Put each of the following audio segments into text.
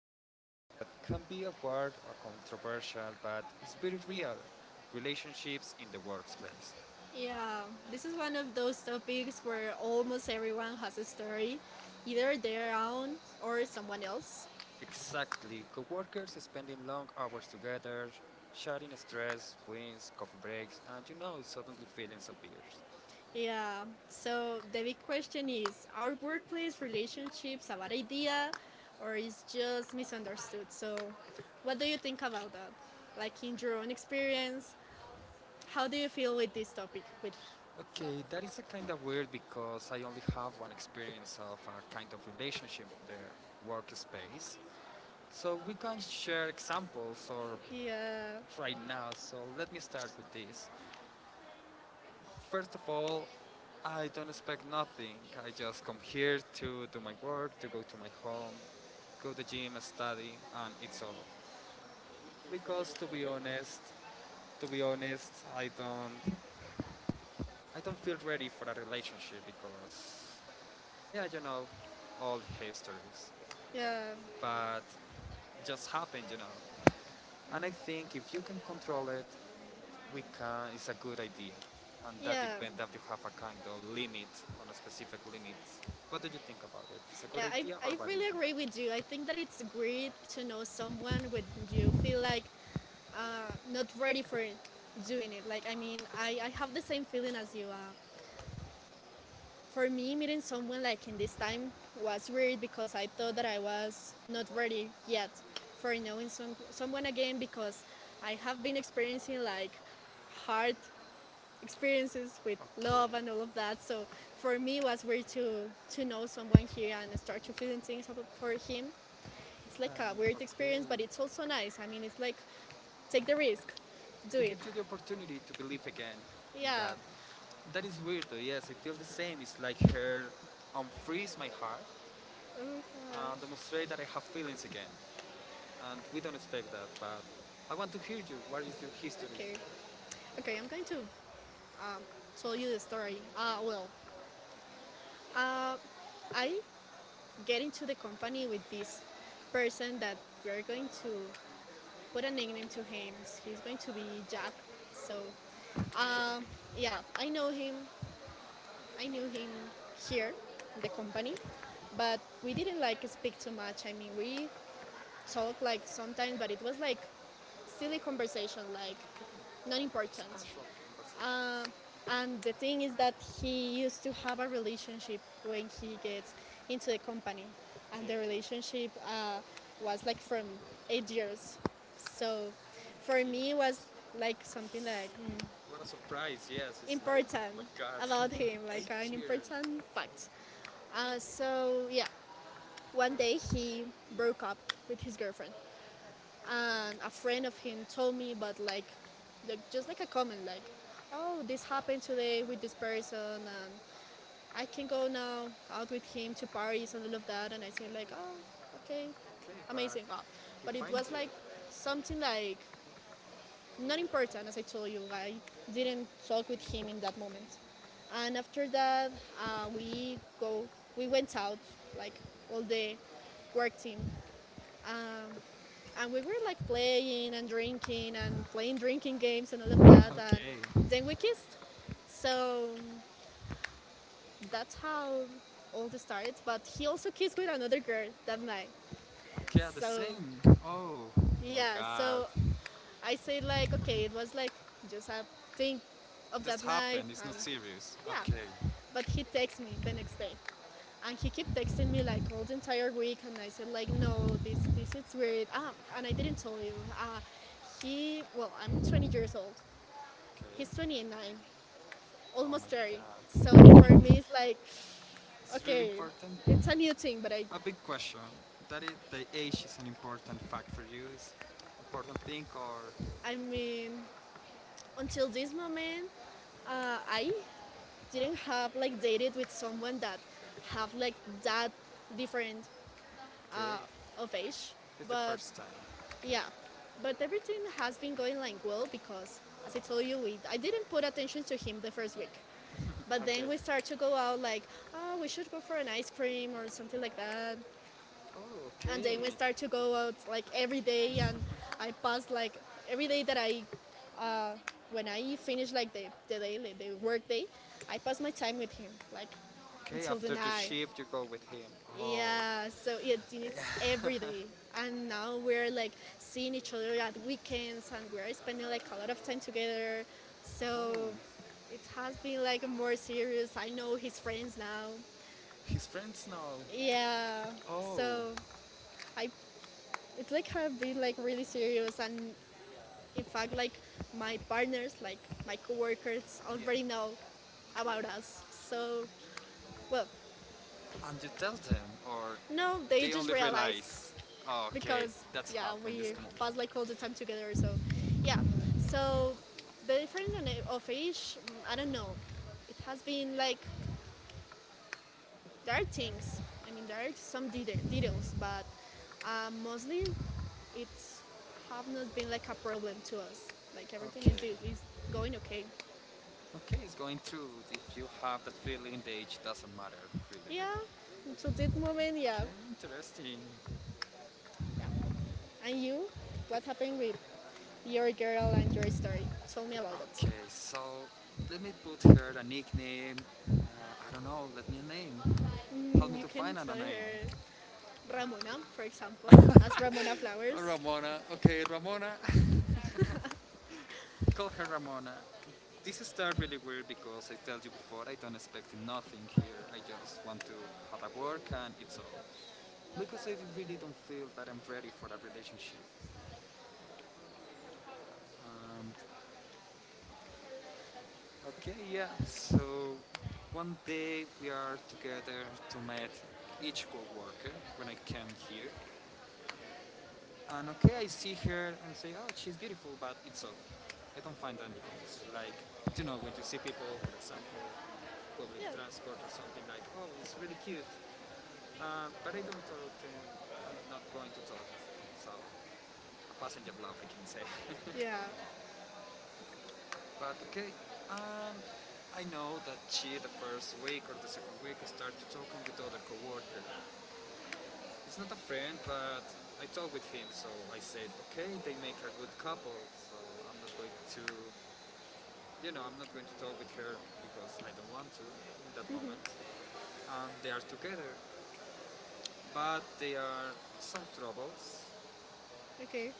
about a topic that can be awkward or controversial, but it's very real, relationships in the workplace. Yeah, Yeah, this this is is one one of of those those topics topics where where almost almost everyone everyone has has a a story, story, either either their their own own or or someone someone else. else. Exactly, coworkers spending long hours together, sharing stress, wins, coffee breaks, and suddenly feelings appears. Yeah. Yeah, So so the the big big question question is, is, are are workplace workplace relationships relationships a a bad bad idea idea or or is is just just misunderstood? misunderstood? So So, what what do do you you think think about about that? that? Like Like in in your your own own experience, experience, how how do do you you feel feel with this topic? it's With Okay, that is a kind of weird because I only have one experience of a kind of relationship with the workspace. So we can share examples or Yeah, right now. So let me start with this. First of all, I don't expect nothing. I just come here to do my work, to go to my home, go to the gym, study, and it's all. Because to be honest, I don't feel ready for a relationship because, yeah, all histories, yeah, but it just happened, And I think if you can control it, we can, it's a good idea, and that yeah, depends that you have a kind of limit on a specific limit. What do you think about it? It's a good yeah. I, idea or I bad really idea? agree with you. I think that it's great to know someone when you feel like not ready for it, doing it. Like, I mean, I have the same feeling as you. Uh, For for me, me, meeting minutes so older, someone like like in this this time time was was weird weird because because I I thought thought that I I was was not not ready ready yet yet for for knowing so someone someone again again because because I I have have been been experiencing experiencing like like hard hard experience experiences with with, okay, love love and and all all of of that. that. So So for for me, me, it it was was weird great to, to, to to know know someone someone here here and and start start to feeling influencing things for for him. him. Like, It's like a okay, weird experience, but it's it's also also nice. nice. I mean, it's like Like, take take the the risk, risk. do To it. give you the opportunity to believe again, yeah, in Yeah. that, that is weird though, yes, I feel the same. It's like her unfreeze my heart Uh, and demonstrate that I have feelings again. And we don't expect that, but I want to hear you. What is your history? Okay. Okay, I'm going to tell you the story. Uh, I get into the company with this person that we're going to put a nickname to him. He's going to be Jack. So, Okay. Um, yeah, I know him. I knew him here, in the company, but we didn't like like, speak too much. I mean, we talked like sometimes, but it was like silly conversation, like okay, not just important. casual conversation. And the thing is that he used to have a relationship when he gets into the company, and Okay. the relationship was like from 8 years. So for me, it For was like something like what a surprise, yes, it's like, oh important my god, about him, like an 8 years. important fact. So yeah, one day he broke up with his girlfriend, and a friend of him told me, but like just like a comment, like, oh, this happened today with this person, and I can go now out with him to Paris and all of that, and I say like, oh, okay, Okay, but amazing. Oh. he But it finds was you. like something like not important, as I told you. I didn't talk with him in that moment, and after that, uh, we go, we went out like all the work team, and we were like playing and drinking and playing drinking games and all of that, and Okay. then we kissed. So that's how all this started. But he also kissed with another girl that night. Okay, the So same. Oh yeah, my yeah, god. so I say I say like like game okay, it was was like like just a thing something. of Just that night happened. It's not and serious. yeah. Okay. But he But he texts me texted the the next day. next And he kept texting me like day. all the entire week and I said like And he kept texting no, me like the entire this week. And I said like this is weird. no, Ah, and it's I weird. didn't Ah, tell you. Uh, and I get to like ah, I'm I'm 20 20 years old. years old. Okay. He's 29, Oh my almost 30. So god. So for me, it's like it's really okay, important. it's a new thing, but I Like, a big question. That is, the age is an important fact for you. It's important thing or I'm doing. I mean, until Until this this moment, moment, I I didn't didn't have have like like dated dated with someone someone that that have have like like that that different. different Okay, of age. it's the but But first time. Okay, yeah, yeah, but but everything everything has has been been going going like like well well because, because, as as I I told told you, you, I I didn't didn't put put attention to attention to him him the at first week. first. But But then then, okay, then we started we start to to go go out out like, like, oh, oh, we we should should go go for for an an ice ice cream cream or or something something like like that. that. Oh, and I, And okay, then we start start to to go go out out like like every every day day, and and I I pass pass like like every every day day that that I, uh, uh, when when I I finish finish like like the, the, the day, like, the the work work day day, I I pass pass my my time time with with him, like him. Okay, until the after the night. shift, you go with him. Oh. Yeah, so it, So yeah. Yeah. it's every day. And And now now we're we're like like seeing seeing each each other other at at weekends weekends and and we're we're spending like a spending lot of like a lot of time time together. together. So, oh, it's So it has must be been like like more more serious. serious. I I know know his his friends friends now. now. His friends now. Yeah. Yeah, So so oh, I I it's like have been like like really like serious and in fact like like my like partners, like my like, coworkers yeah, right. already know about us. So So well, well, and you tell them, or now no, they they just only realized realize, oh, okay, because that's yeah, happened, this we come on pass like. like all the time together. So So yeah. yeah. So the difference So of the difference of age, age, I I don't don't know. know, It has has been been like, like There are things. I mean, there are some details, but um, mostly it's have not been like a problem like, to us. Like everything is okay. is going okay. Okay, it's going through. If you have that feeling, the age doesn't matter, really, Yeah, really. Yeah, until this yeah, moment, yeah, okay, interesting. yeah. And you, what happened with your girl and your story? Tell me about it. Okay, so let me put her a nickname. Uh, I don't know, let me a name. Help me You to can find out a tell name. her Ramona, for example, as Ramona Flowers. Ramona. Okay, Ramona. Call her Ramona. This started really weird because I tell you before, I don't expect nothing here. I just want to have a work and it's all. Because I really don't feel that I'm ready for a relationship. And okay, yeah, so one day we are together to meet each co-worker when I came here. And okay, I see her and say, oh, she's beautiful, but it's all, right. I don't find anything. It's like, when you see people, for example, public Yeah, transport or something like, oh, it's really cute, but I'm not going to talk. So, a passenger love, I can say. yeah. But okay, um, I know that she, the first week or the second week, started talking with other coworker. It's not a friend, but I talked with him, so I said, okay, they make a good couple, so I'm not going to I'm not going to talk with her because I don't want to in that moment. They are together, but they are some troubles Okay,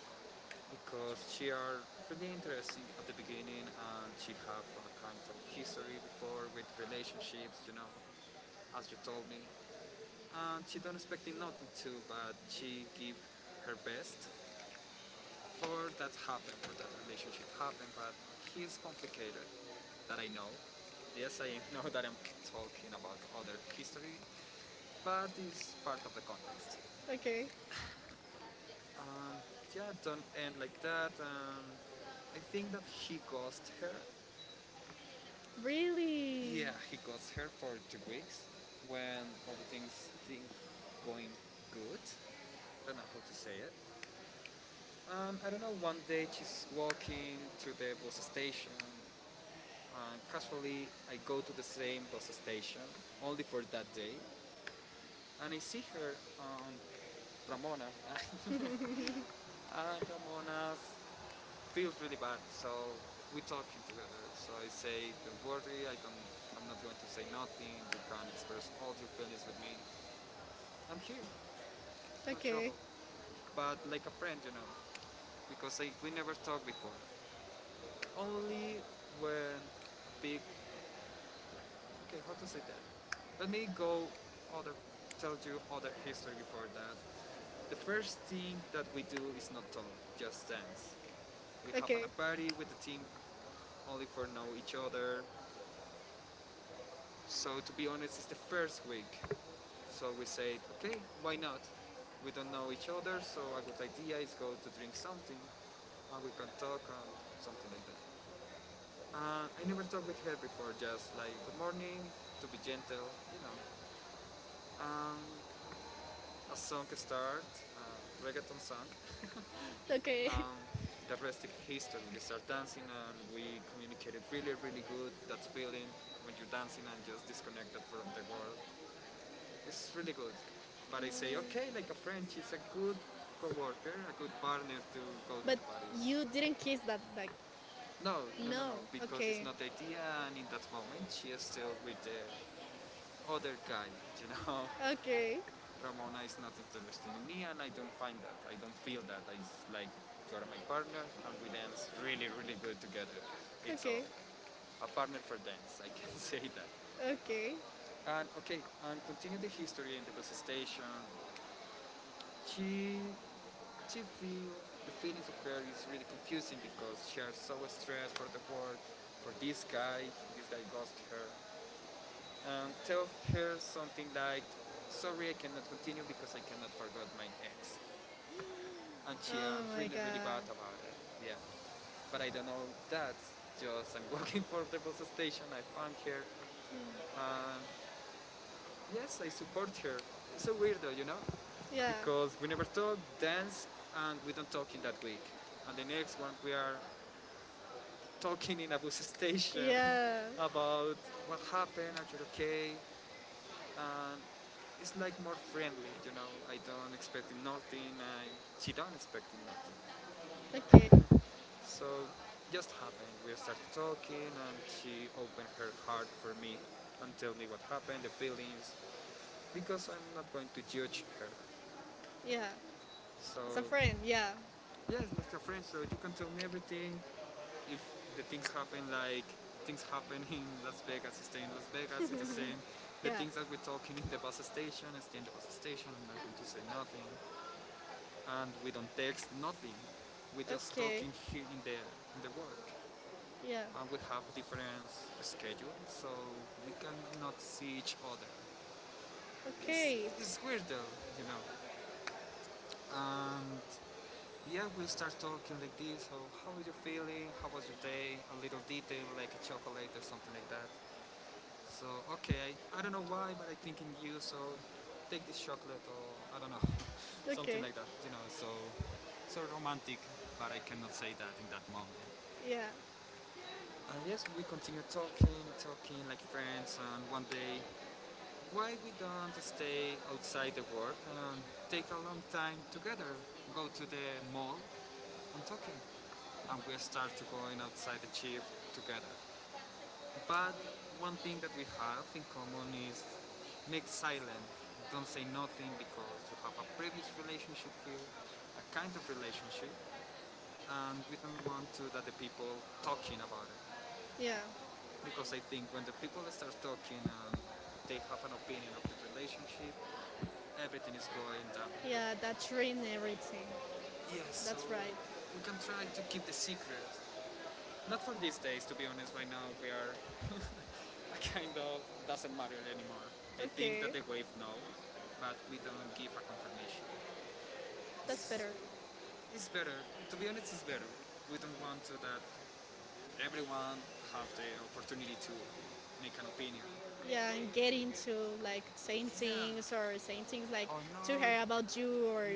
because she are really interesting at the beginning and she have a kind of history before with relationships, as you told me. And she don't expecting nothing too, but she give her best for that happen, for that relationship to happen, but he's complicated, that I know. Yes, I know that I'm talking about other history, but it's part of the context. okay. Yeah, don't end like that. I think that he ghosted her. Really. Yeah, he ghosted her for 2 weeks when all the things think going good. I don't know how to say it. I don't know. One day she's walking to the bus station. And casually, I go to the same bus station only for that day, and I see her on Ramona. And Ramona feels really bad, so we are talking together. So I say, "Don't worry, I don't. I'm not going to say nothing. You can express all your feelings with me. I'm here, no trouble. Okay, But like a friend, because we never talked before. Only when a big, okay, how to say that? Let me go other tell you other history before that. The first thing that we do is not talk, just dance. We have an, okay, a party with the team only for know each other. So to be honest, it's the first week. So we said, okay, why not? We don't know each other, so a good idea is go to drink something, and we can talk and something like that. I never talked with her before, just like good morning, to be gentle, Um, A song started, reggaeton song. okay. Um, the rest is history. We start dancing and we communicated really, really good. That feeling when you're dancing and just disconnected from the world. It's really good. But I say, okay, like a friend, she's a good co-worker, a good partner to go to But the parties. you didn't kiss that bag. No, no, no, no, No. because it's Okay. not the idea and in that moment she is still with the other guy, you know? Okay. Ramona is not interested in me, and I don't find that. I don't feel that. It's like you are my partner, and we dance really, really good together. It's all Okay. a partner for dance. I can say that. Okay. And okay, and continue the history in the bus station. She, she feel the feelings of her is really confusing because she is so stressed for the work, for this guy. This guy ghosted her, and tell her something like, "Sorry, I cannot continue because I cannot forget my ex," and she are Oh my really really bad god. about it. Yeah, but I don't know that. Just I'm working for the bus station. I found her. Uh, yes, I support her. It's so weird though, Yeah. because we never talk, dance, and we don't talk in that week. And the next one we are talking in a bus station Yeah. about what happened. Are you okay? And it's like more friendly, I she don't expecting nothing. Okay. So just happened. We started talking, and she opened her heart for me and tell me what happened, the feelings, because I'm not going to judge her. Yeah. So It's a right, friend. yeah, Yeah. yes, like a friend. So you can tell me everything. If the things happen, like things happen in Las Vegas, stay in Las Vegas. It's the same. The Yeah. things that we're talking in the bus station, stay in the bus station. I'm not going to say nothing, and we don't text nothing. We're just Okay. talking here in the work. Yeah. We have different schedules, so we cannot see each other. It's, Okay. it's weird though, you know. And yeah, we start talking like this. So how are you feeling? How was your day? A little detail, like a chocolate or something like that. So okay, I don't know why, but I think in you. So take this chocolate, or I don't know, something Okay. like that, you know. So so romantic, but I cannot say that in that moment. Yeah. And yes, we continue talking, talking like friends, and one day why we don't stay outside the work and take a long time together? Go to the mall and talking, and we start to going outside the chief together. But one thing that we have in common is make silent. Don't say nothing because you have a previous relationship here, a kind of relationship, and we don't want to that the people talking about it. Yeah. Because I think when the people start talking and they have an opinion of the relationship, everything is going down. Yeah, that's ruined everything. Yes, so That's right. we can try to keep the secret. Not for these days, to be honest, right now we are a kind of doesn't matter anymore. I think Okay. that they wave no, but we don't give a confirmation. That's It's, better. it's better, to be honest, it's better. We don't want to that everyone have the opportunity to make an opinion. Yeah, and get into like saying things or Yeah, saying things like oh to no, her about you or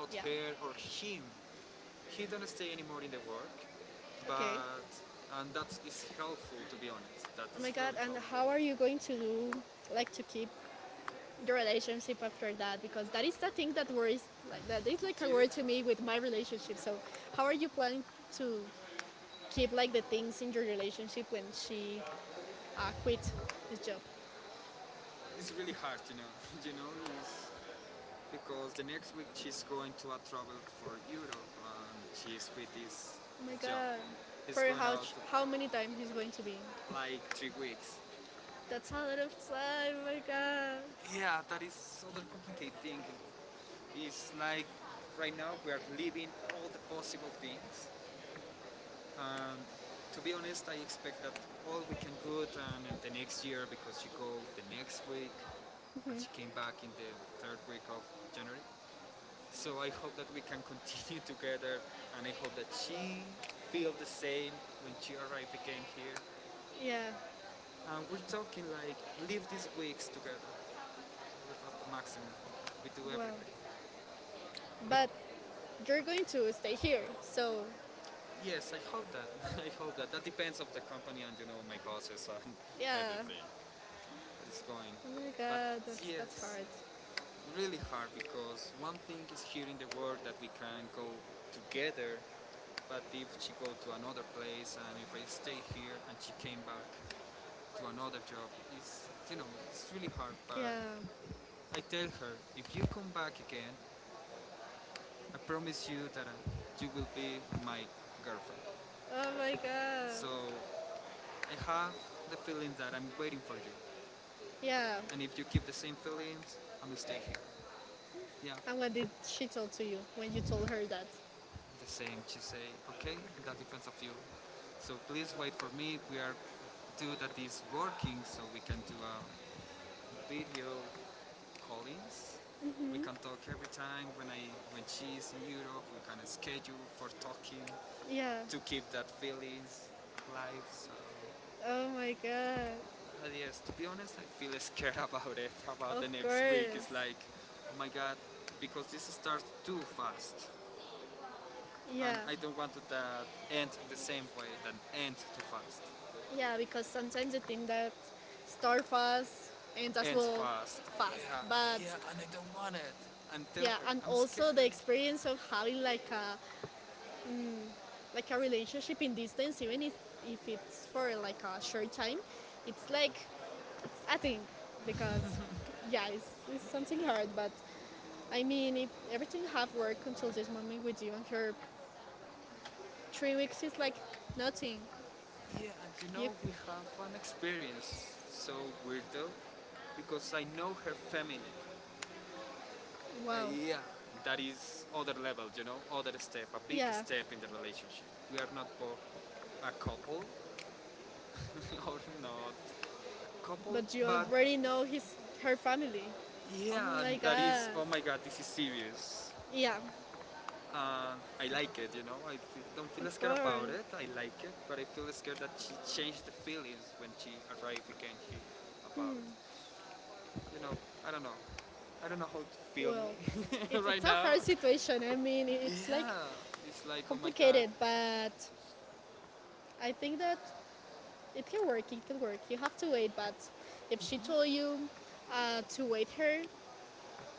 not yeah. her or him. He don't stay anymore in the work, Okay. but and that is helpful to be honest. That Oh my is god, really and helpful. how are you going to do like to keep your relationship after that? Because that is the thing that worries like that is like a Dude. worry to me with my relationship. So how are you planning to keep Like, like the things in your relationship when she quit this job? it's really hard, you know. You know, it's because the next week she's going to a travel for Europe and she's with this, Oh my this job. god. He's For going how out how many times he's going to be? like 3 weeks. That's a lot of time, oh my god. Yeah, that is other complicated thing. It's like right now we are living all the possible things. And to be honest, I expect that all we can good and the next year because she go the next week and she came back in the third week of January. So I hope that we can continue together and I hope that she feel the same when she arrive again here. Yeah, And we're talking like live these weeks together, live at the maximum. We do wow. everything. But But you're going to stay here, so yes, I hope that. I hope that. That depends of the company and you know my bosses and uh, yeah. how it's going. Oh my But god, that's yes, hard. really hard because one thing is here in the world that we can go together. But if she go to another place and if I stay here and she came back to another job, it's you know it's really hard. But Yeah. I tell her if you come back again, I promise you that you will be my girlfriend. Oh my god. So I have the feeling that I'm waiting for you. Yeah. And if you keep the same feelings, I'm gonna stay here. Yeah, And what did she tell to you when you told her that? the same. She say, okay, that depends of you. So please wait for me. We are do that is working, so we can do a video callings. We can talk every time when I when she's in Europe. We can schedule for talking Yeah. to keep that feelings live. So Oh my god. but yes, to be honest, I feel scared about it. About Of the next week, course. it's like, oh my god, because this starts too fast. Yeah. And I don't want it that end the same way that end too fast. Yeah, because Sometimes sometimes you it think can that start start fast fast. and as End well fast. fast. Yeah, But yeah, and I don't want it. And tell yeah, her, and I'm also scared. the experience like of having like a uh, like a like. relationship in distance, even if it's for like a short time, it's like I think because yeah, it's something hard, but I mean, if everything have worked until this moment with you and her, 3 weeks is like nothing. Yeah, and you You, know, we have an experience so weirdo because I know her family. Wow, Yeah, that is other level, you know, other step, a big yeah. step in the relationship. We are not both a couple or not couple, But you but already know his her family. Oh yeah, my that is, god. oh my god, this is serious. Yeah, I like it, you know. I don't feel of scared about course. it. I like it, but I feel scared that she changed the feelings when she arrived again here. About, you know, I don't know. I don't know how to feel Well, me it, right it's a now. hard situation. I mean, it's like Yeah, it's like, oh my god. complicated, but I think that it can work. It can work. You have to wait, but if she told you to wait her,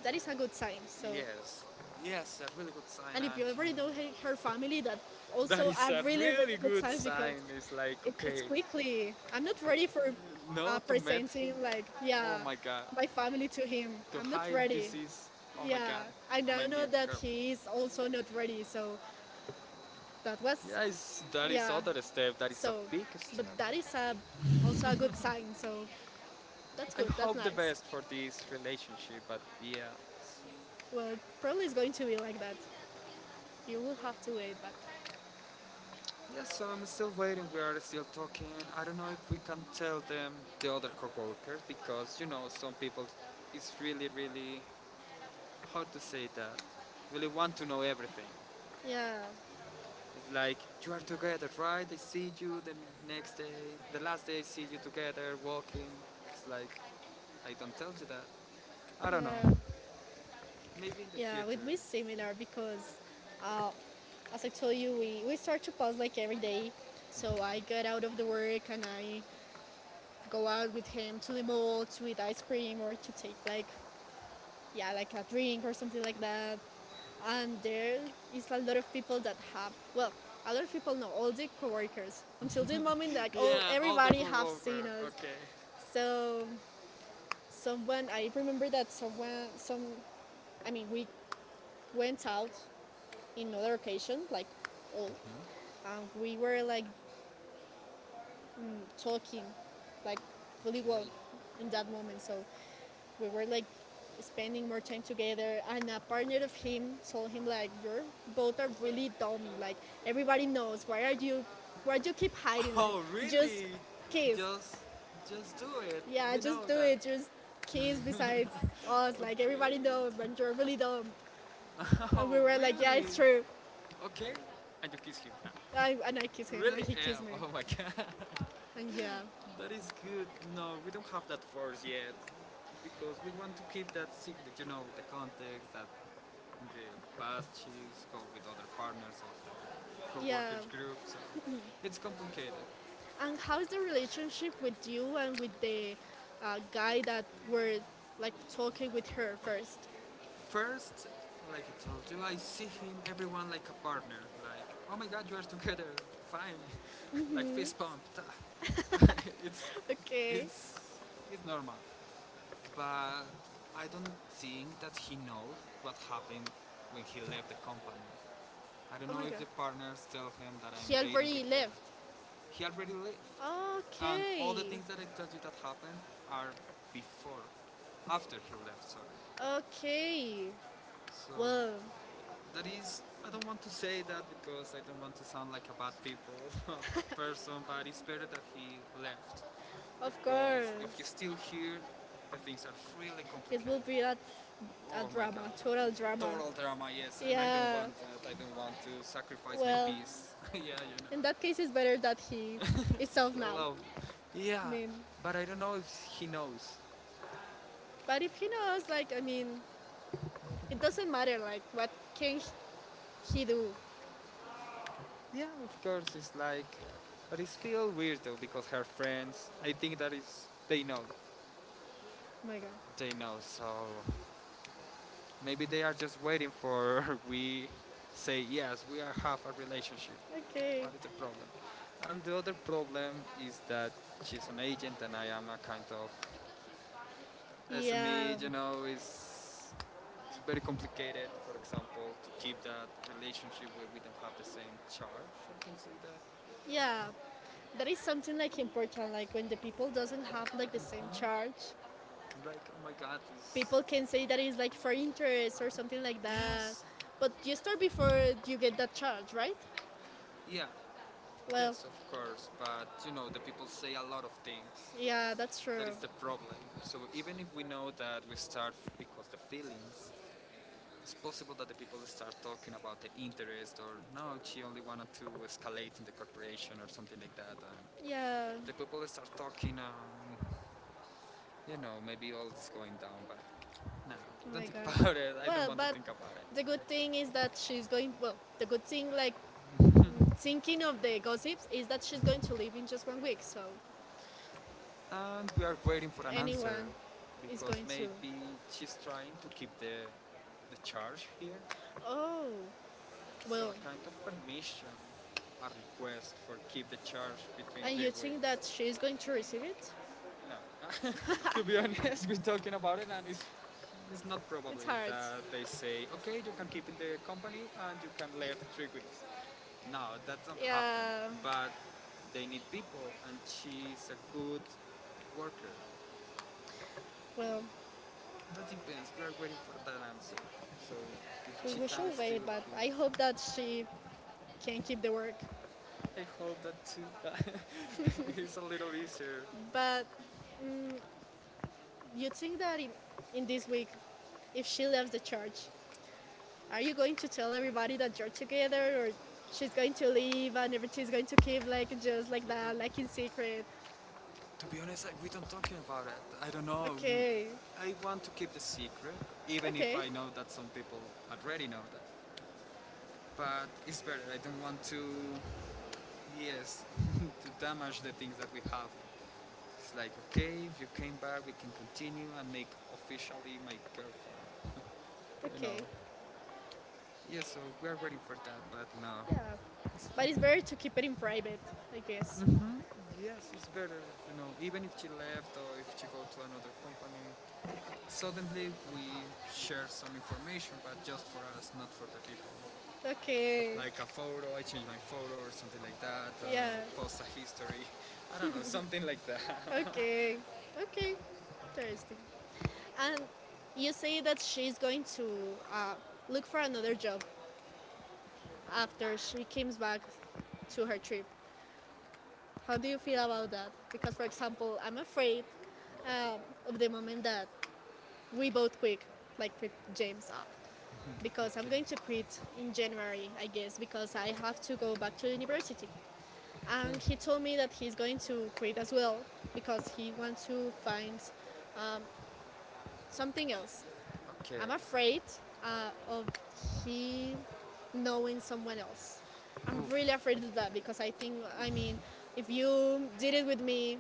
that is a good sign. Yes, yes, a really good sign, And if and you you already know, know her family, that that also is a a really really really good good sign because sign. It's like, it's okay, quickly. I'm not ready for no, to meet him. presenting like Oh yeah my god. my family to him. To I'm not hide ready. this is. Oh my Yeah, god. I now My know new that girlfriend. he is also not ready. So that was Yes, that is yeah. other step. That is a So, big but step. that is a also a good sign. So that's I good. That's hope the nice. best for this relationship, but yeah. Well, probably it's going to be like that. You will have to wait, but Yeah, so I'm still waiting. We are still talking. I don't know if we can tell them the other co-workers because you know some people. It's really, really how to say that. Really want to know everything. yeah, It's like you are together, right? I see you the next day, the last day I see you together walking. It's like I don't tell you that. I don't yeah. know. Maybe in the Yeah, future. with me similar because uh, as I told you, we start to pause like every day. So I get out of the work and I go out with him to the mall to eat ice cream or to take like yeah like a drink or something like that. And there is a lot of people that have well a lot of people know all the coworkers until this moment like all Yeah, all the everybody have over. seen us. Okay. So, So someone, someone I I remember remember that that someone, someone, some some, I I mean we mean, we went went out out on in other our vacation, occasion, like, all, and we we were were like like talking, talking. like really Okay. well And in that that was like, moment. So we we were were like like spending spending more more time time together. together And and a a part of partner of him him told told him him like like, you're you both both are are really really dumb. dumb like Like, everybody everybody knows. knows, Why are you, why why do do you you keep keep hiding, hiding? like Oh, just really? kiss, Just Just, do it. Yeah, yeah, we know just do that. it, just kiss besides us, like Okay. everybody knows like you're really dumb, and Oh, we were like yeah really? it's true. Okay. And you kiss him. And I kissed him and Really? he kissed me Eh, oh my god. and yeah, That is good. No, we don't have that force yet. Because we want to keep that secret, you know, the context that in the past she's go with other partners of the yeah. co-workers group, so it's complicated. And how is the Relationship relationship with with you you and with and with the the guy guy that that you were were in like photo talking with with her, her first? first, like I told you, I see him, everyone like a partner. Like, oh my god, you are together, fine. Like fist pump. it's, Okay. it's it's normal. But I don't think that he knows what happened when he left the company. I don't Oh know my if god. the partners tell him that I'm He dating with already her. left. He already left. And all the Okay. things that I told you that happened are before, after he left, sorry. Okay. So. Well, That is, I don't want to say that because I don't want to sound like a bad people, a bad person, but it's better that he left. of Because if he's course. still here, the things are really It will complicated. be a Oh my god. drama, total drama. Total drama, yes, and I don't Yeah. want that. I don't want to sacrifice my Well, peace. Yeah, you know. in that case, it's better that he That case is better that is off it's so now. love. I Yeah, mean, but I don't know if he knows. But but if if he he knows, knows, like, like, I I mean, mean, it it doesn't doesn't matter, matter, like, right? what What can can he he do? do? Oh Yeah, of course, it's like, but it's still weird though because her friends, I think that is, they know, my god. they know. So maybe they are just waiting for we say yes, we are have a relationship. Okay. What is the problem? And the other problem is that she's an agent and I am a kind of Yeah. SME. You know, it's very complicated. For example, to keep that relationship where we don't have the same charge. I can say that. Yeah. That It's is something something like like, important. Like when the people doesn't like, have like the same like. charge, Like, oh my god, this. people People can can say say that that is it's like like for for interest interest or or something something like like that. that. Yes! But But you you start study for before you you get get that that job, charge, right? right? Yeah, Well, yes, of course, but you know, the people say a lot of things. Yeah, yeah, that's that's true. That is true. the problem. So even if we know that we start because the feelings, it's possible that the people start talking about the interest or no, she only wanted to escalate in the corporation or something like that. And Yeah. the people start talking you know, maybe all is going down, but no, Oh don't my think god. about it. I don't Well, want to but think about it. the The good good thing thing is is that that she's she's going going. to. Well, The the good good thing, thing, like like thinking thinking of of the the gossip, gossips, is is that that she's she's going going to to leave leave in in just just one one week. week. So So and we are waiting for an answer anyone is because going to. maybe she's trying to keep the charge here, Oh, so well, a kind of permission, a request for keep the charge between and three you think that weeks. she is going to receive it, No, to be honest, we're talking about it and it's not probably it's hard. that they say, okay, you can keep in the company and you can leave 3 weeks. No, that doesn't happen. Yeah, But they need people, and she's a good worker. well, That depends. We are waiting for that answer. So if we, she we can should wait, still but I hope that she can keep the work. here, I hope that too. It's a little easier. But But mm, you you think think that that in, in this in this case, week, if if she she left leaves the the church, church, are are you you going going to to tell tell everybody everybody that that you're you're together, together, or or she's she's going going to to leave leave and and she's everything's going going to to keep keep like like just just like like mm-hmm, that, a like like in secret? secret? To be honest, like we don't talking about it. I don't know. Okay, I want to keep the secret, even if okay, I know that some people already know that. But it's better. I don't want to, yes, to damage the things that we have. It's like okay, if you came back, we can continue and make officially my girlfriend. You know. okay, Yeah. So we are waiting for that, but no. yeah. It's But it's better better to to keep keep it it in in private, private. I guess. Hmm. Yes, it's better, even if she left or if she go to another company. Suddenly we share some information, but just for us, not for the people. Okay, Like a photo, I change my photo or something like that, yeah. post a history, I don't know, something like that. Okay. And Okay. Interesting. And you you say say that that she's she's going going to to look look for for another another job job after she comes after she comes back back to the to her trip. country. How How do do you you feel feel about about that? that? For Because, for example, example, I'm I'm afraid afraid um, of the in the moment moment that that we we both both quit, wake up like like with James James because up, okay. I'm because I'm going going to to quit quit in in January, January, I I guess, guess, because because I I have talked to to him go about back to the university. university. And And okay, he he told told me me that that he's he's going going to to quit quit as as well well because because he he wants wants to to find find something something else. else. Okay. I'm I'm afraid afraid of of he he knowing knowing someone someone else. else. Oh. I'm I'm really really afraid afraid of of that that because because I I think think, I mean, if if you you did did it it with with me, me,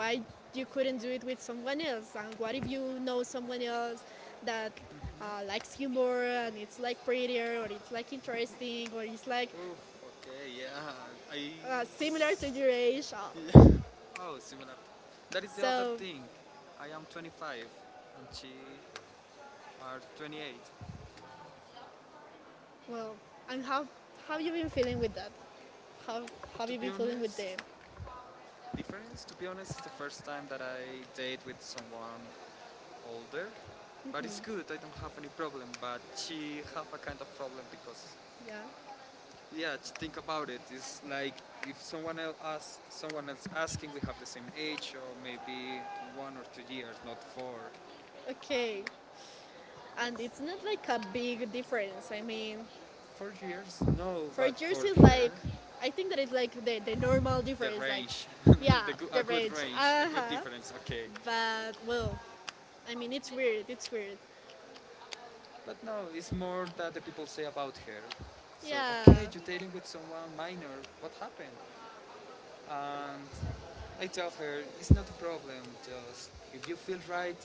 why you you couldn't couldn't do do it it with with someone someone else. else? And what Why if do you you know know someone someone else else that that likes you more, and it's like prettier, or it's like interesting, or it's like oof, okay, yeah. I. Similar to your age? Uh, Oh, similar. That is the other So, thing. I am 25 and she are 28. well, and how have you been feeling with that? How have To you be been feeling with them? honest, difference. To be honest, it's the first time that I date with someone older, but it's good. I don't have any problem. But she have a kind of problem because Yeah. yeah, to think about it, it's like if someone else asks, someone else asking, we have the same age or maybe 1 or 2 years, not four. Okay. And it's not like a big difference. I mean, 4 years? No, for but for jerseys, her, like I think that it's like the normal the difference, like range, yeah, the a good range. range, a Uh good huh. difference. Okay, But well, I mean, it's weird. It's weird. but no, it's more that the people say about her. So okay, Yeah, you're dating with someone minor. What happened? And I tell her it's not a problem. Just if you feel right,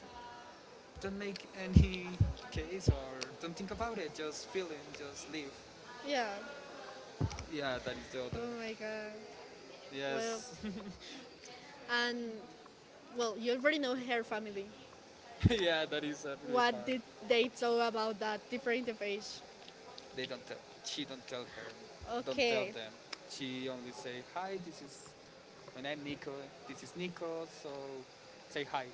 don't make any case or don't think about it. Just feel it. Just live. yeah. Yeah, that is the other. Oh my god. Well, Yes. and well, You you already already know know you can't her family. find that. Yeah, that is really What hard. did they talk about that different of age? They don't tell. She don't tell her. Don't tell Okay, them. She only say hi. This is my name, Nico. This is Nico. So say hi.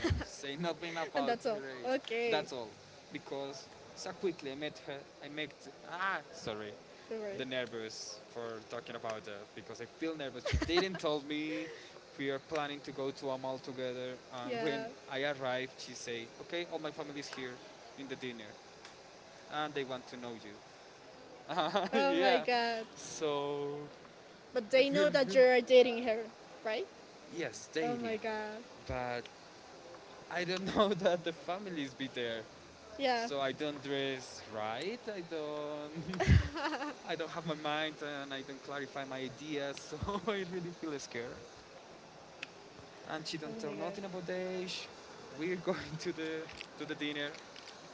Don't say nothing and about that's all. her age. Okay, That's all. Because so quickly I met her. I met. Ah, sorry. do The nervous for talking about her because I feel nervous. She didn't tell me we are planning to go to a mall together. And when yeah. I arrived, she say, "Okay, all my family is here in the dinner, and they want to know you." Yeah. Oh my Yeah, god. so But I they feel, know that feel you are dating her, right? yes, Oh dating, my god. but I don't know that the families be there. Yeah. So I don't dress right. I don't. I don't have my mind, and I don't clarify my ideas. So I really feel scared. And she Oh don't tell my god. nothing about the age. We're going to the dinner,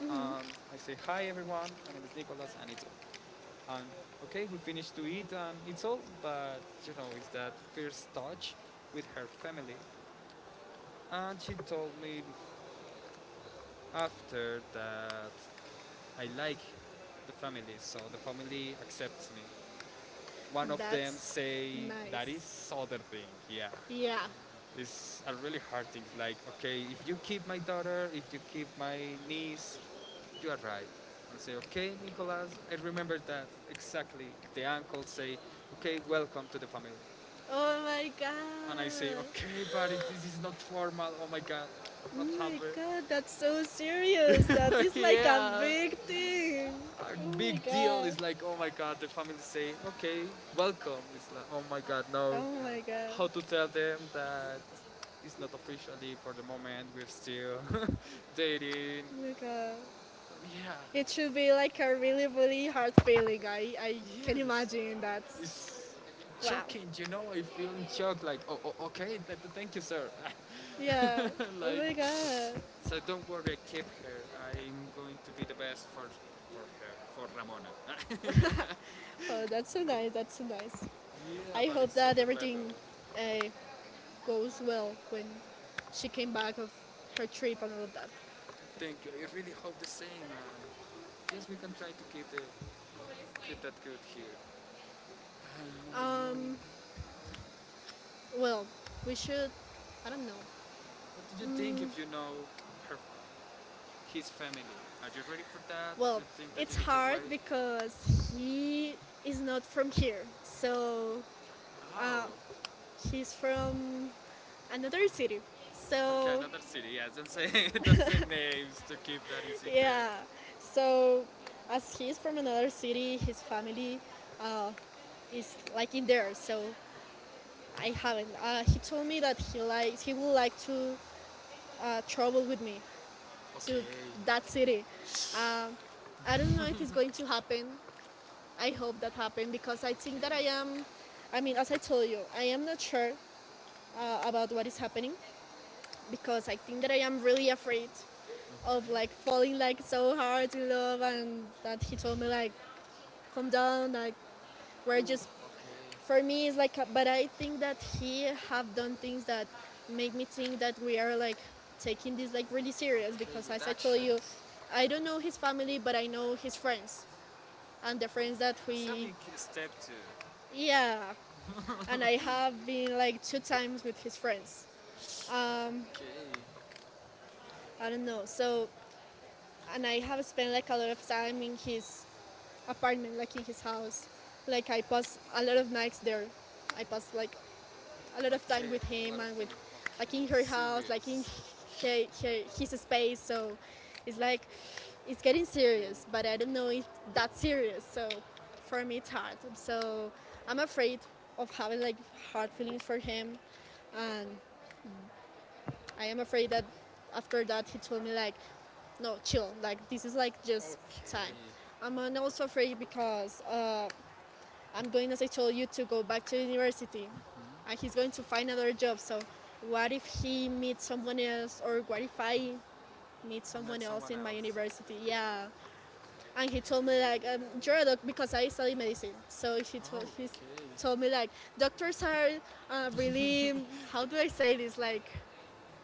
and I say hi everyone. My name is Nicholas, and it's all. And okay, we finished to eat, and it's all. But you know, it's that first touch with her family. And she told me after that I like the family, so the family accepts me. One of them That's say that nice. is other thing. Yeah, Yeah. it's a really hard thing. Like okay, if you keep my daughter, if you keep my niece, you are right. And say okay, Nicolas, I remember that exactly. The uncle say okay, welcome to the family. Oh my god. And I say okay, but it, this is not formal. Oh my god, Oh what my happened? god, that's so serious. That is like a Yeah, big thing. a Oh big my deal. god. It's like oh my god, the family say okay, welcome. It's like oh my god, no, Oh my how to god. tell them that it's not officially for the moment. We're still dating. Oh my god. Yeah. It It should should be be like like a a really, really, really really hard hard feeling, feeling. I right? can When yes. imagine that. It's Wow. shocking. You know, I feel in shock. Like, oh, oh okay. Th- thank you, sir. Yeah. Oh Like, my god. so don't worry. Keep her. I'm going to be the best for her, for Ramona. Oh, that's so nice. That's so nice. Yeah, I but hope it's that other level. everything uh, goes well when she came back of her trip and all of that. Thank you. I really hope the same. And yes, we can try to keep the keep that good here. I don't know. Um, well, we should. I don't know. What do you think if you know her, his family? Are you ready for that? Do Well, you think that it's it's you need to hard wait? To, because he he is is not not from from here, here, so so oh, uh, he's from another city. he's from So another city. So okay, another city. Yes, don't say don't say names to keep that in yeah, secret. yeah, So so um, as he's from another city, his family uh, is like in there. like So I haven't. Uh, He told me that he likes he would uh, like like to travel with uh, me to okay. that That's it. city. Uh, I don't I don't know know if if going it's to going to happen. happen. I I hope hope that that happens happens because because I I think okay. think that I I am. am. I I mean, mean, as as I I told told you, you, I I am am not not sure sure about about what what is is happening happening because because I I think think that that I I am am really really afraid afraid mm-hmm. of of like like falling falling like like so so hard hard to in love love, and, and and that he to told me like like come calm down down, and like we're gorgeous. just. Ooh, okay. For For me, me, it's it's like, like, but but I I think think that that we he have have done done things things that that make make me me think think that that we we are are like like taking taking this this like like really really serious, seriously. Okay, because with as I told you, actions. I I don't don't know know his his family, family, but but I I know know his his friends. friends and And the the friends friends that that that's a we, big step too. Yeah, yeah. I have And I have been been like like two two times times with with his his friends. friends. Okay, I bottom don't know. note. So, So, and and I I have have a spent spell like like a a lot lot of of time time in in his his apartment, like apartment, like in in his his house. house. Like Like I I pass passed a a lot lot of of nights nights there. there. I I pass passed like like a a lot of time okay, with a lot him of and them. with Like, okay, like in in her her house, like in serious. her, Like, her, in his his space. space. So So it's it's like like it's it's getting getting serious, serious, okay. but But I I don't don't know know if if that's that's serious. serious. So for me, it's hard. So So I'm I'm afraid afraid of of having having like like hard hard for feelings for him. him, and Um, I I am am afraid afraid that that after after that that he it's told gonna me like, like not no, chill. chill. Like Like this this is is like like just. just time. Okay. I I'm mean, I so also afraid afraid because because. Like, I'm I'm going going, as as I I told told you you, to to go go back back to to university, university, mm-hmm. And and he's he's going going to to find find another another job. job. So So, what what if if he he meets meets someone someone else, else, or or what what if if I I met meet meet someone met someone else someone in my else. university? Else? Yeah, Yeah. and And he he told told me me like like, I'm you're sure a that doctor, because because I I study study medicine. medicine, so So he oh, he's okay. told Told me me like like doctors doctors are are really, uh, how do I very say safe. this, It's like like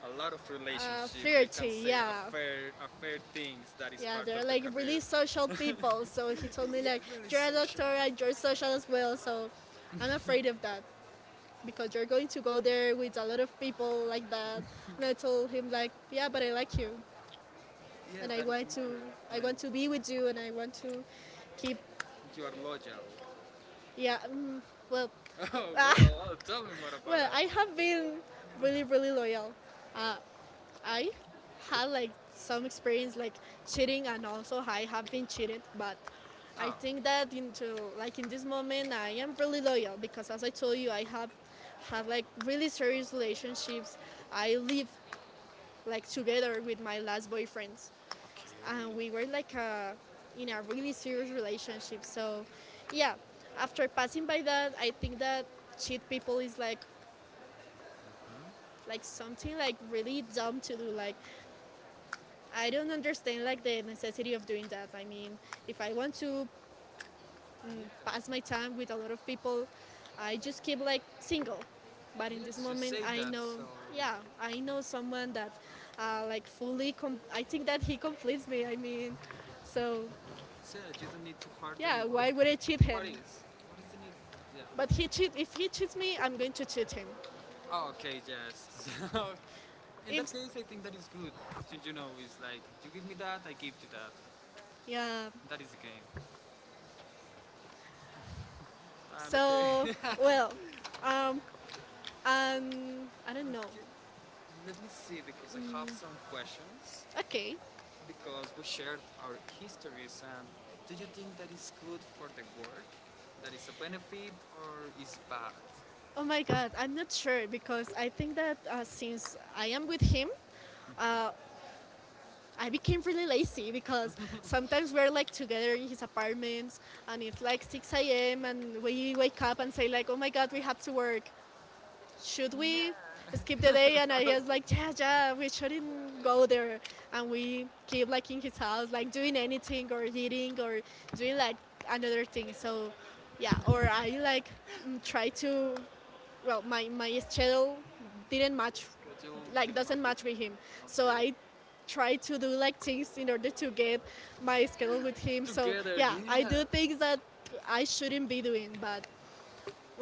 a lot of relationships. We can flirty, say yeah, affair, affair things that is yeah, part they're of the like like career. really social people. So he told me Yeah, like, really you're a doctor social. and you're social as well, so I'm afraid of that because you're going to go there with a lot of people like that. And I told him like, yeah, but I like you, and Yes, I that is the want matter. to, I I mean, want to be with you, and I want to keep, you are loyal. yeah, well, Oh uh, well, oh, tell me more about well, it. I have been really, really loyal. I had like some experience like cheating, and also I have been cheated, but. I Oh, think that so into like in this moment I am really loyal, because as I told you I have had like like really really serious relationships. I live like like together with my last boyfriend, okay. and we were Like like in a really serious really. relationship. So, So yeah, yeah, after passing by that, I think that cheat people is like like like like something like like really really dumb to do, like like I I don't don't understand understand like like the the success in necessity your of doing career. that, I mean, If if I I want want to to yeah. pass Pass my my time time with with a lot other of people, people. I I do, just keep like single. But but in this yes, just moment, say I I that. Know, know, so yeah, yeah, I I know know someone someone that that like fully, I I think took that that he confidence completes me. from. I mean, so So yeah, you don't need to hurt yeah, yeah, anyone. I got why it would I cheat from what him? that. Is? What is the need? Yeah. But But he tricked me if and he he cheats me, I'm going to tricked cheat him. me. Oh, okay. Yes. So in that If, case, I think that is good. You know, it's like you give me that, I give you that. Yeah, That is the game. And so, so, okay. well, um, um, um, and I don't know. okay. Let me see because I have some questions Okay. because we shared our histories and do you think that is good for the work? That is a benefit or is bad? Oh Oh my my god, god, I'm I'm not not sure sure because because I I think think that that since since I I am am with with him, you, uh, I I became became really really lazy, late because because sometimes sometimes we're we're like together in his together apartment, and and it's it's like like 6 a.m. and we we wake wake up up and and say say like, like, oh oh my my god, god, we we have have to to work. work. Should we skip the day? And I Nah. was like, yeah, yeah, we shouldn't go there. And we keep like in his house, like doing anything or eating or doing like another thing. So yeah, or I like try to, well, my schedule Okay. didn't match, Schedule like doesn't dramatic. match with him. So Okay. I try to do like things in order to get my schedule with him. So Together, yeah, I yeah. do things that I shouldn't be doing, but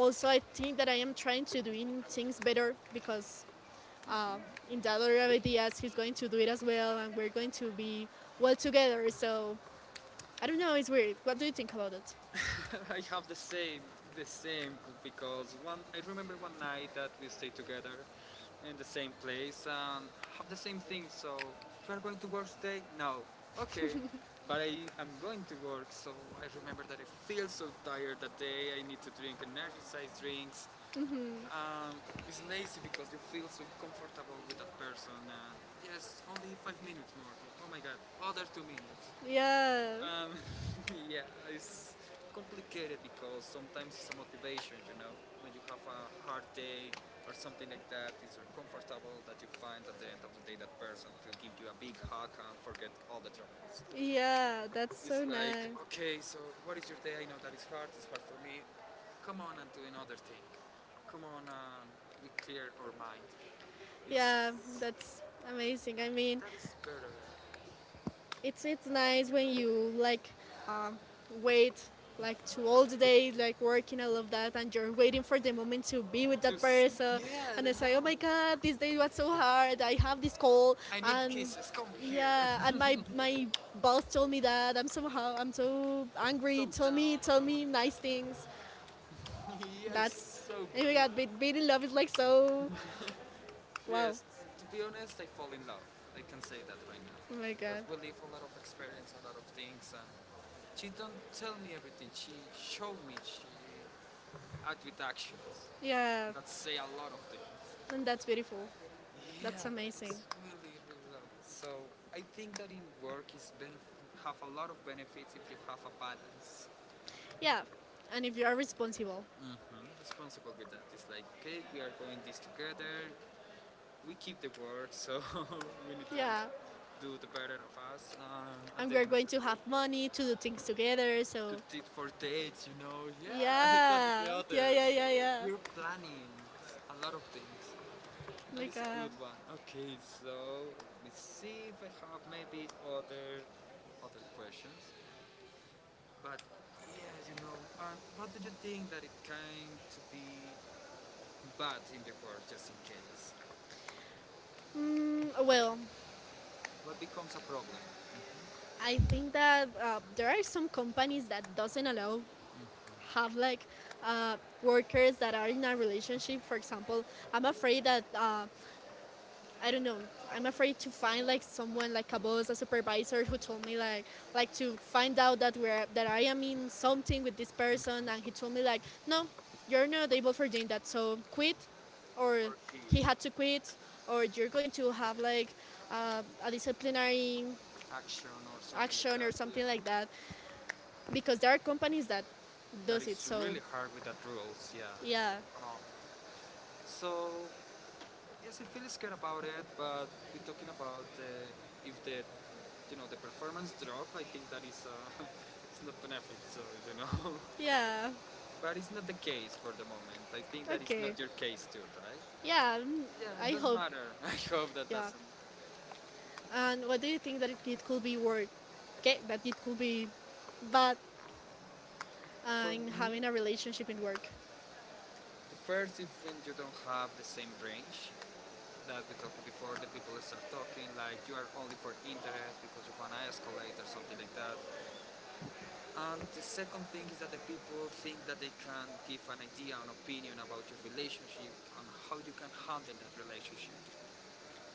Also, I I think think that that I I'm am trying trying to doing to sing things better better, because because in in the other Delaware it was ideas he's going going to to do be it the as film well, and and I we're going don't to be well well together. together. So So I I don't don't know, know it's if weird. what What do do you think about it? it? I have the same, because one. I remember one night that we stayed together in the same place and have the same thing. So you are going to work today? No. Okay. But I am going to work, so I remember that I feel so tired that day. I need to drink energized drinks, um, it's lazy because you feel so comfortable with that person. And yes, only 5 minutes more. Oh, oh my god, other 2 minutes. Yeah. Yeah, yeah, it's complicated because sometimes it's a motivation, you know, when you have a hard day or something like that. It's very comfortable that you find at the end of the day that person to give you a big hug and forget all the troubles. yeah, that's It's so like, nice. okay, so what is your day? I know that it's hard for me. Come on and do another thing. Come on and we clear our mind. It's, Yeah, that's amazing. I mean, that is better. It's it's the nice when time you like um, when, wait like, like to all the okay, day like work working all of that, and you're waiting for the moment to a be with lot. That person, Yeah, and I I say, oh know. my god, this day was so hard, I have this call, I need and kisses, come here. yeah, and my boss told me that I'm somehow, I'm so angry, Thumbs tell down. me, tell me nice things. Yeah, it's That's, so oh good. my god, being in love is like so wow. Yes, to be honest, I fall in love. I can say that right now. Oh my Because god, we live a lot of experience, a lot of things, and she don't tell me everything. She show me, she act with actions. yeah, And that say a lot of things. and that's beautiful, Yeah, that's that amazing. is really, really lovely. So I think that in work is have a lot of benefits if you have a balance. Yeah, and if you are responsible. Hmm. Responsible with that. It's like, okay, we are going this together. We keep the word, so we need to Yeah, do the better of us at and the we're end of going to have money to do the things day. together. To So, date, for dates, you know. Yeah, that is yeah, the other. yeah, yeah, So yeah, yeah. we're planning a lot of things. Oh That my is a God. good one. Okay, so let me see if I have maybe other questions. But yeah, you know. And what do you think that it came to be bad in the world, just in case? Well, What becomes a problem? I think Mhm. that there are some companies that doesn't allow have like uh, workers that are in a relationship. For example, I'm afraid that I don't know. I'm afraid to find like someone like a boss, a supervisor who told me like to find out that we're that I am in something with this person, and he told me like, no, you're not able for doing that, so quit, or Okay. he had to quit, or you're going to have like a disciplinary Action or something like action or that. something like that, Yeah, because there are companies that that does it. is So really hard with that rules. Yeah, yeah, yeah. No. So yes, I feel scared about it, but we're talking about if the, you know, the performance drop. I think that is, it's not benefit. So you know. yeah, But it's not the case for the moment. I think that is okay, not your case too, right? yeah. Yeah, it I doesn't hope, matter. I hope that yeah. doesn't. And what do you think that could be work? Okay, that it could be But, bad for in me, having a relationship in work. the first is when you don't have the same range that we talked before. The people start talking like you are only for interest because you want to escalate or something like that. And the second thing is that the people think that they can give an idea, an opinion about your relationship and how you can handle that relationship.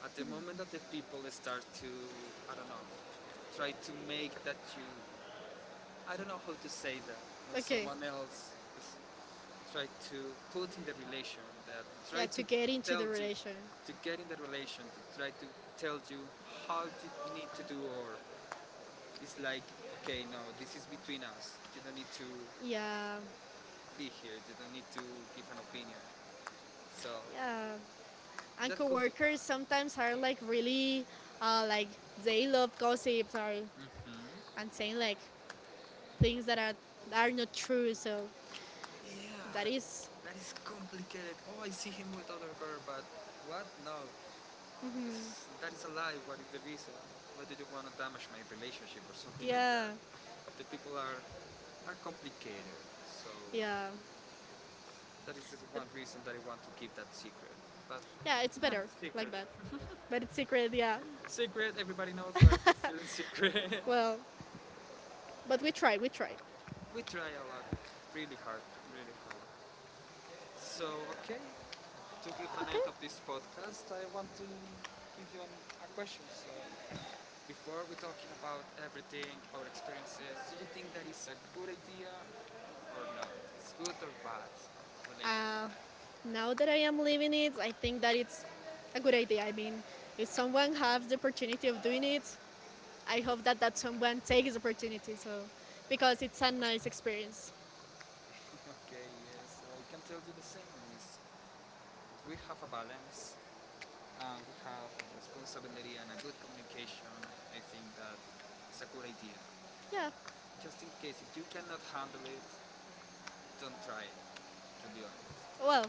At the moment that the people start to, I don't know, try to make that you, I don't know how to say that, when Okay, someone else try to put in the relation, that try yeah, to to get into tell the you, relation. to get in the relation to try to tell you how you need to do, or it's like, okay, no, this is between us, you don't need to Yeah, be here, you don't need to give an opinion, so yeah. And that could be. coworkers sometimes are like really, like they love gossips or Mhm. and saying like things that are not true. So Yeah, that is, that is complicated. Oh, I see him with other girl. But what? No, this, that is a lie. What is the reason why do you want to damage my relationship or something like that? yeah, The people are complicated, so yeah, that is one reason that I want to keep that secret. But yeah. It's eh, better secret, like that, but it's secret. Yeah. secret. Everybody knows, but it's still a secret. Well, but we try. We try. We try a lot, really hard, really hard. So okay, to give an Okay. end of this podcast, I want to give you an, a question. So before we talking about everything, our experiences, do you think that is a good idea or not? It's good or bad relationship? Uh, Now that I am living it, I think that it's a good idea. I mean, if someone has the opportunity of doing it, I hope that that someone takes the opportunity. So, because it's a nice experience. Okay, yes, so I can tell you the same is we have a balance, we have responsibility and a good communication. I think that it's a good idea. Yeah. Just in case, if you cannot handle it, don't try it, to be honest. Well,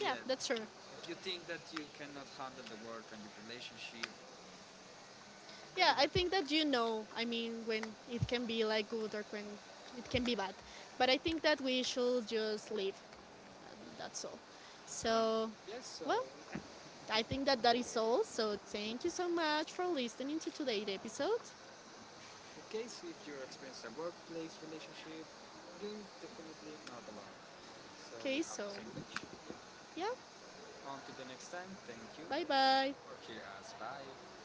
yeah, Yeah, that's true. if you think that you cannot handle the work and your relationship, don't Yeah, even. I think that you know. I mean, when it can be like good or when it can be bad. But I think that we should just live. That's all. Um, So, yes, so well, I I think think that's that that all, is folks. all. So, Thanks for thank you listening so much for to listening to today's today's episode. episode. In case if you're experiencing a workplace relationship, you're definitely not alone. So we Okay, have to so switch. yeah, Yeah. On to the next time. Thank you bye bye. for hearing us. Bye.